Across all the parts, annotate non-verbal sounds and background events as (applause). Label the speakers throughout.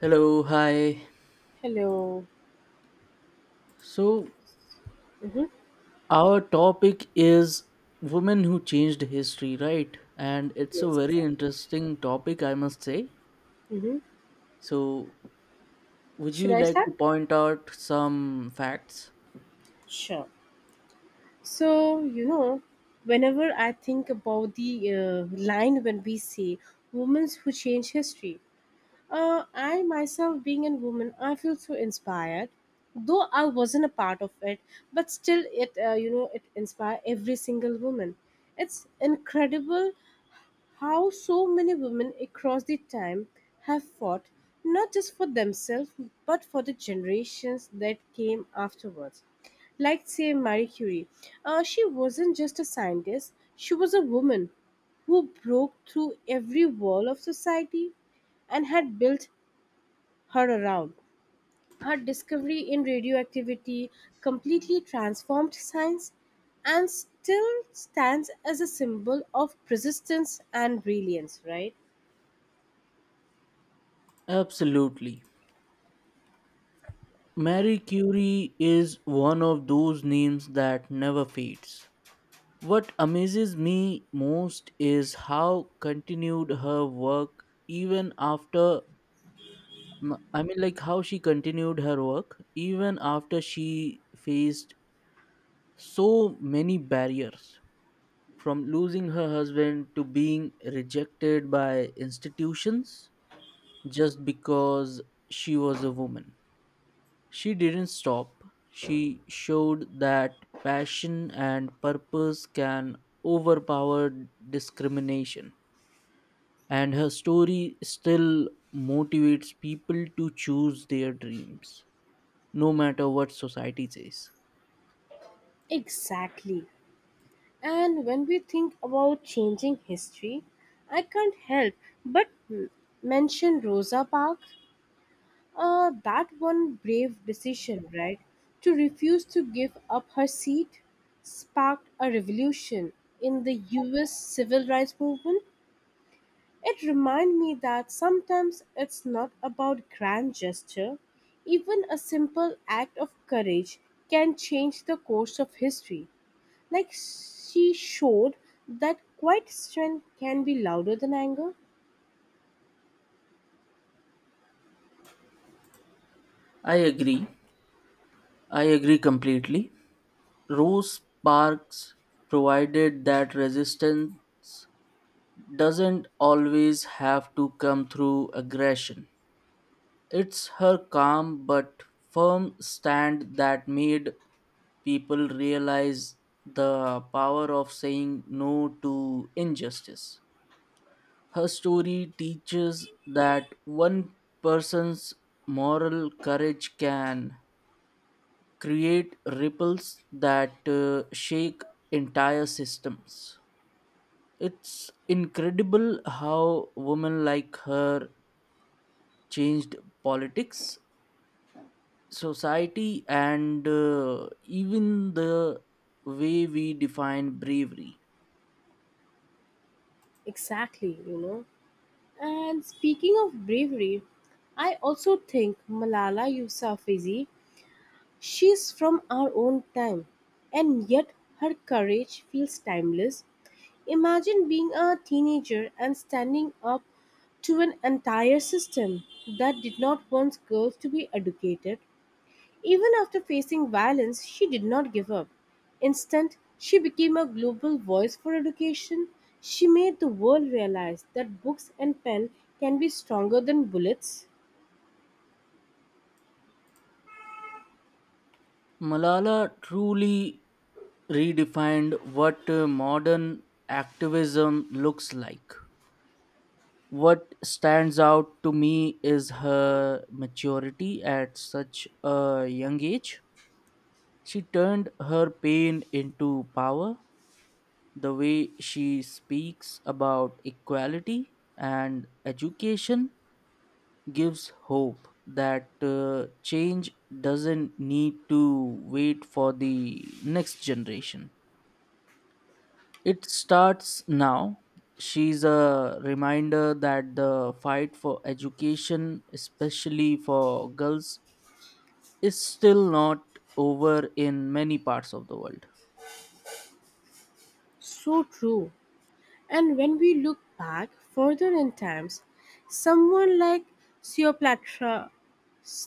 Speaker 1: Hello, hi.
Speaker 2: Hello.
Speaker 1: So,
Speaker 2: Mm-hmm.
Speaker 1: our topic is women who changed history, right? And it's a
Speaker 2: Yes,
Speaker 1: very
Speaker 2: exactly.
Speaker 1: interesting topic, I must say.
Speaker 2: Mm-hmm.
Speaker 1: So, would
Speaker 2: Should
Speaker 1: you
Speaker 2: I
Speaker 1: like
Speaker 2: start?
Speaker 1: to point out some facts?
Speaker 2: Sure. So, whenever I think about the line when we say women who change history, I myself being a woman, I feel so inspired. Though I wasn't a part of it, but still, it it inspire every single woman. It's incredible how so many women across the time have fought not just for themselves but for the generations that came afterwards. Like, say, Marie Curie. She wasn't just a scientist, she was a woman who broke through every wall of society and had built her around. Her discovery in radioactivity completely transformed science and still stands as a symbol of persistence and brilliance, right?
Speaker 1: Absolutely. Marie Curie is one of those names that never fades. What amazes me most is how continued her work even after how she continued her work even after she faced so many barriers, from losing her husband to being rejected by institutions just because she was a woman. She didn't stop. She showed that passion and purpose can overpower discrimination. And her story still motivates people to choose their dreams, no matter what society says.
Speaker 2: Exactly. And when we think about changing history, I can't help but mention Rosa Parks. That one brave decision, right, to refuse to give up her seat sparked a revolution in the US civil rights movement. It reminded me that sometimes it's not about grand gesture, even a simple act of courage can change the course of history. Like she showed that quiet strength can be louder than anger.
Speaker 1: I agree. I agree completely. Rose Parks provided that resistance doesn't always have to come through aggression. It's her calm but firm stand that made people realize the power of saying no to injustice. Her story teaches that one person's moral courage can create ripples that shake entire systems. It's incredible how women like her changed politics, society, and even the way we define bravery.
Speaker 2: Exactly, And speaking of bravery, I also think Malala Yousafzai, she's from our own time, and yet her courage feels timeless. Imagine being a teenager and standing up to an entire system that did not want girls to be educated. Even after facing violence, she did not give up. Instead, she became a global voice for education. She made the world realize that books and pen can be stronger than bullets.
Speaker 1: Malala truly redefined what modern activism looks like. What stands out to me is her maturity at such a young age. She turned her pain into power. The way she speaks about equality and education gives hope that change doesn't need to wait for the next generation. It starts now. She's a reminder that the fight for education, especially for girls, is still not over in many parts of the world.
Speaker 2: So true. And when we look back further in times, someone like Cleopatra,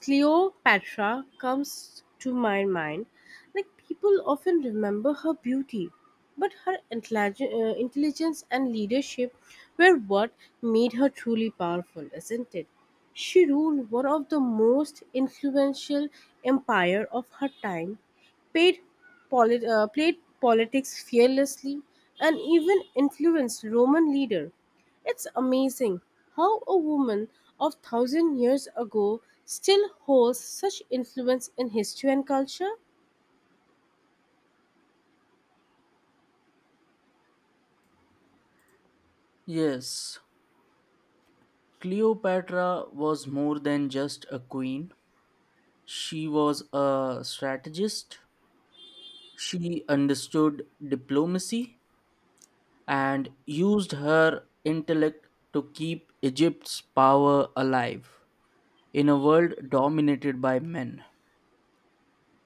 Speaker 2: Cleopatra comes to my mind. Like people often remember her beauty, but her intelligence and leadership were what made her truly powerful, isn't it? She ruled one of the most influential empire of her time paid played politics fearlessly, and even influenced Roman leader. It's amazing how a woman of thousand years ago still holds such influence in history and culture.
Speaker 1: Yes, Cleopatra was more than just a queen. She was a strategist. She understood diplomacy and used her intellect to keep Egypt's power alive in a world dominated by men.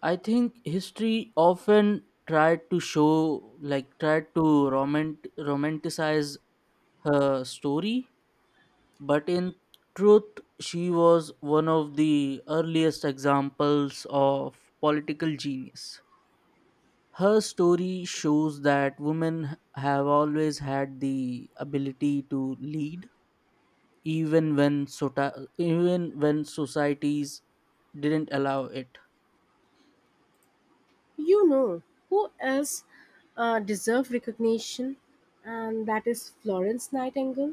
Speaker 1: I think history often tried to show, like, tried to romanticize her story, but in truth, she was one of the earliest examples of political genius. Her story shows that women have always had the ability to lead, even when, even when societies didn't allow it.
Speaker 2: You know who else deserved recognition, and that is Florence Nightingale.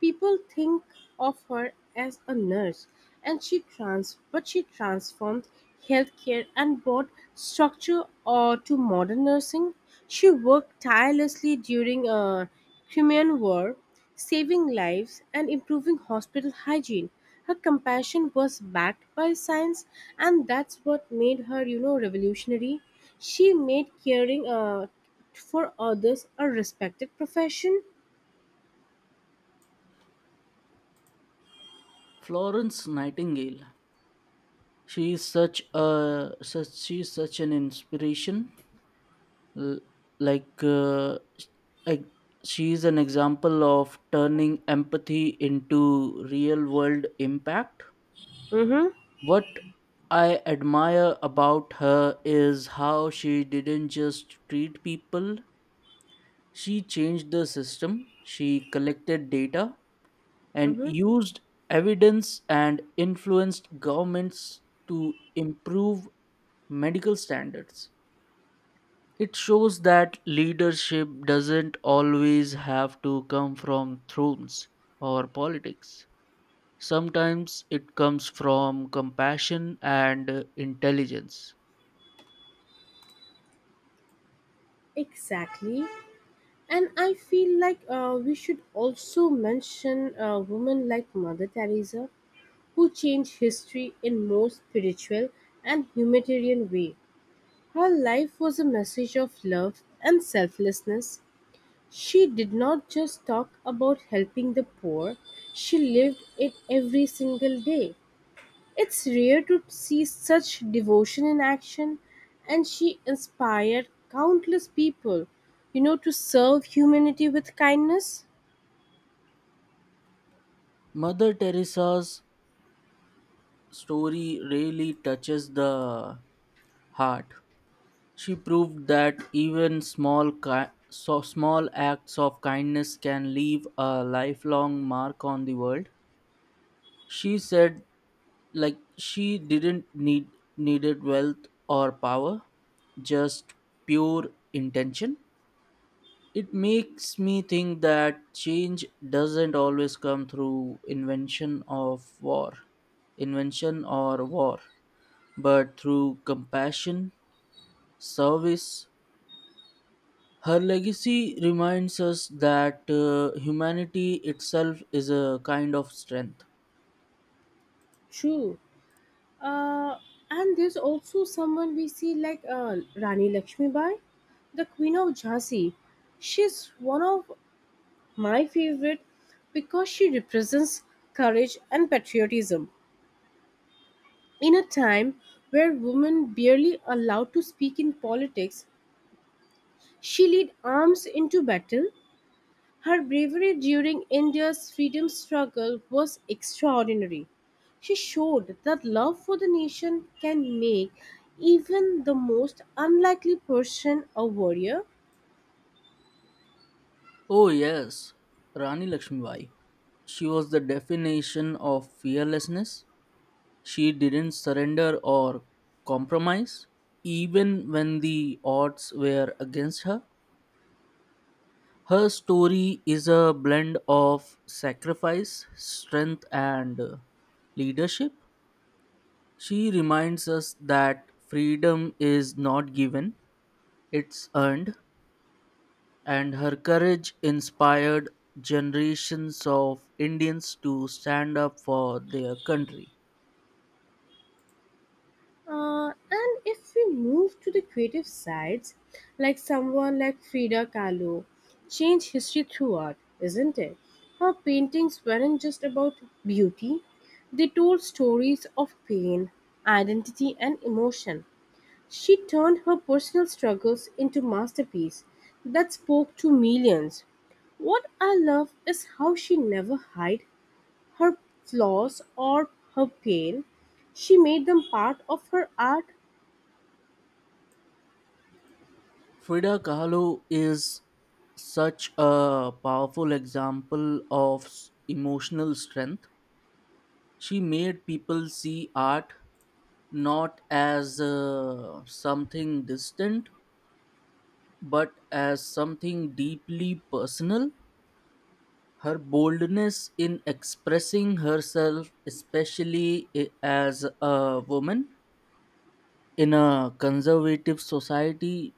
Speaker 2: People think of her as a nurse, and but she transformed healthcare and brought structure to modern nursing. She worked tirelessly during a Crimean War, saving lives and improving hospital hygiene. Her compassion was backed by science, and that's what made her, revolutionary. She made caring for others a respected profession.
Speaker 1: Florence Nightingale. She is such an inspiration. L- Like, uh, like, she is an example of turning empathy into real world impact.
Speaker 2: Mm-hmm.
Speaker 1: What I admire about her is how she didn't just treat people. She changed the system. She collected data and
Speaker 2: Mm-hmm.
Speaker 1: used evidence and influenced governments to improve medical standards. It shows that leadership doesn't always have to come from thrones or politics. Sometimes it comes from compassion and intelligence.
Speaker 2: Exactly. And I feel like we should also mention a woman like Mother Teresa, who changed history in more spiritual and humanitarian way. Her life was a message of love and selflessness. She did not just talk about helping the poor, she lived it every single day. It's rare to see such devotion in action, and she inspired countless people, to serve humanity with kindness.
Speaker 1: Mother Teresa's story really touches the heart. She proved that even so small acts of kindness can leave a lifelong mark on the world. She said, like, she didn't needed wealth or power, just pure intention. It makes me think that change doesn't always come through invention or war, but through compassion, service. Her legacy reminds us that humanity itself is a kind of strength.
Speaker 2: True. Uh, and there's also someone we see like Rani Lakshmibai, the Queen of Jhansi. She's one of my favorite because she represents courage and patriotism. In a time where women barely allowed to speak in politics, she led arms into battle. Her bravery during India's freedom struggle was extraordinary. She showed that love for the nation can make even the most unlikely person a warrior.
Speaker 1: Oh, yes, Rani Lakshmibai. She was the definition of fearlessness. She didn't surrender or compromise, even when the odds were against her. Her story is a blend of sacrifice, strength, and leadership. She reminds us that freedom is not given, it's earned, and her courage inspired generations of Indians to stand up for their country.
Speaker 2: And if we move to the creative sides, like someone like Frida Kahlo, change history through art, isn't it? Her paintings weren't just about beauty, they told stories of pain, identity, and emotion. She turned her personal struggles into masterpieces that spoke to millions. What I love is how she never hid her flaws or her pain. She made them part of her art.
Speaker 1: Frida Kahlo is such a powerful example of emotional strength. She made people see art not as something distant but as something deeply personal. Her boldness in expressing herself, especially as a woman in a conservative society,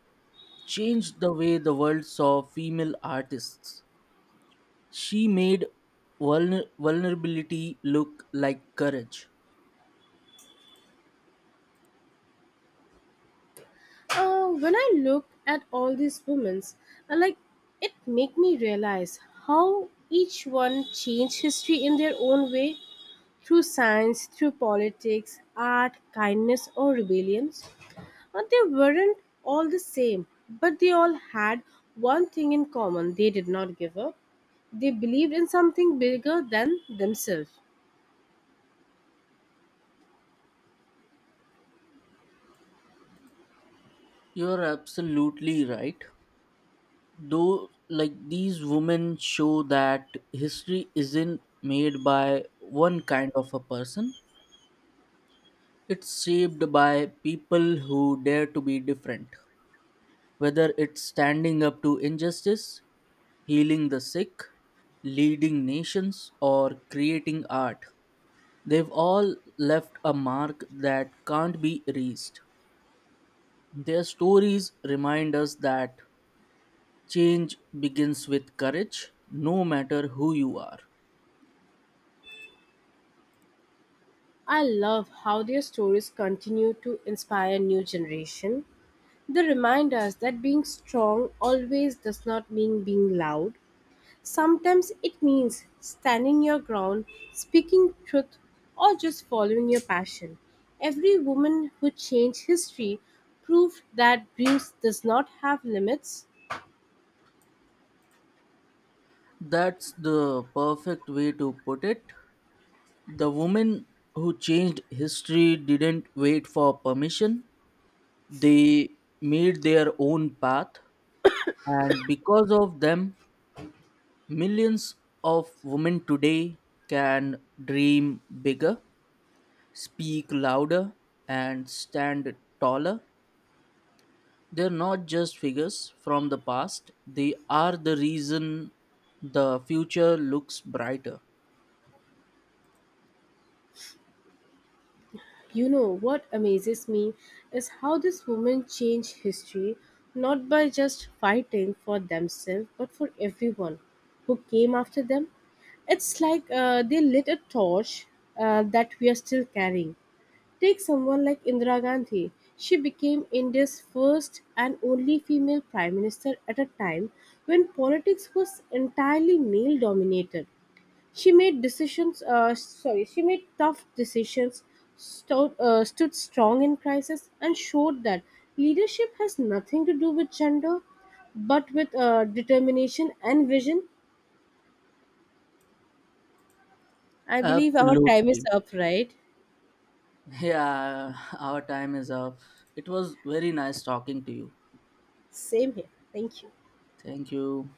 Speaker 1: changed the way the world saw female artists. She made vulnerability look like courage.
Speaker 2: When I look at all these women, I like it make me realize how each one changed history in their own way through science, through politics, art, kindness, or rebellions. And they weren't all the same, but they all had one thing in common: they did not give up. They believed in something bigger than themselves.
Speaker 1: You're absolutely right. Though, like, these women show that history isn't made by one kind of a person. It's shaped by people who dare to be different, whether it's standing up to injustice, healing the sick, leading nations, or creating art. They've all left a mark that can't be erased. Their stories remind us that change begins with courage, no matter who you are.
Speaker 2: I love how their stories continue to inspire new generation. They remind us that being strong always does not mean being loud. Sometimes it means standing your ground, speaking truth, or just following your passion. Every woman who changed history proved that Bruce does not have limits.
Speaker 1: That's the perfect way to put it. The woman who changed history didn't wait for permission. They made their own path, and because of them, millions of women today can dream bigger, speak louder, and stand taller. They're not just figures from the past, they are the reason the future looks brighter.
Speaker 2: You know what amazes me is how this woman changed history not by just fighting for themselves but for everyone who came after them. It's like they lit a torch that we are still carrying. Take someone like Indira Gandhi. She became India's first and only female prime minister at a time when politics was entirely male dominated. She made tough decisions, stood strong in crisis, and showed that leadership has nothing to do with gender, but with determination and vision. I believe our time is
Speaker 1: Absolutely.
Speaker 2: up, right?
Speaker 1: Yeah, (laughs) our time is up. It was very nice talking to you.
Speaker 2: Same here. Thank you.
Speaker 1: Thank you.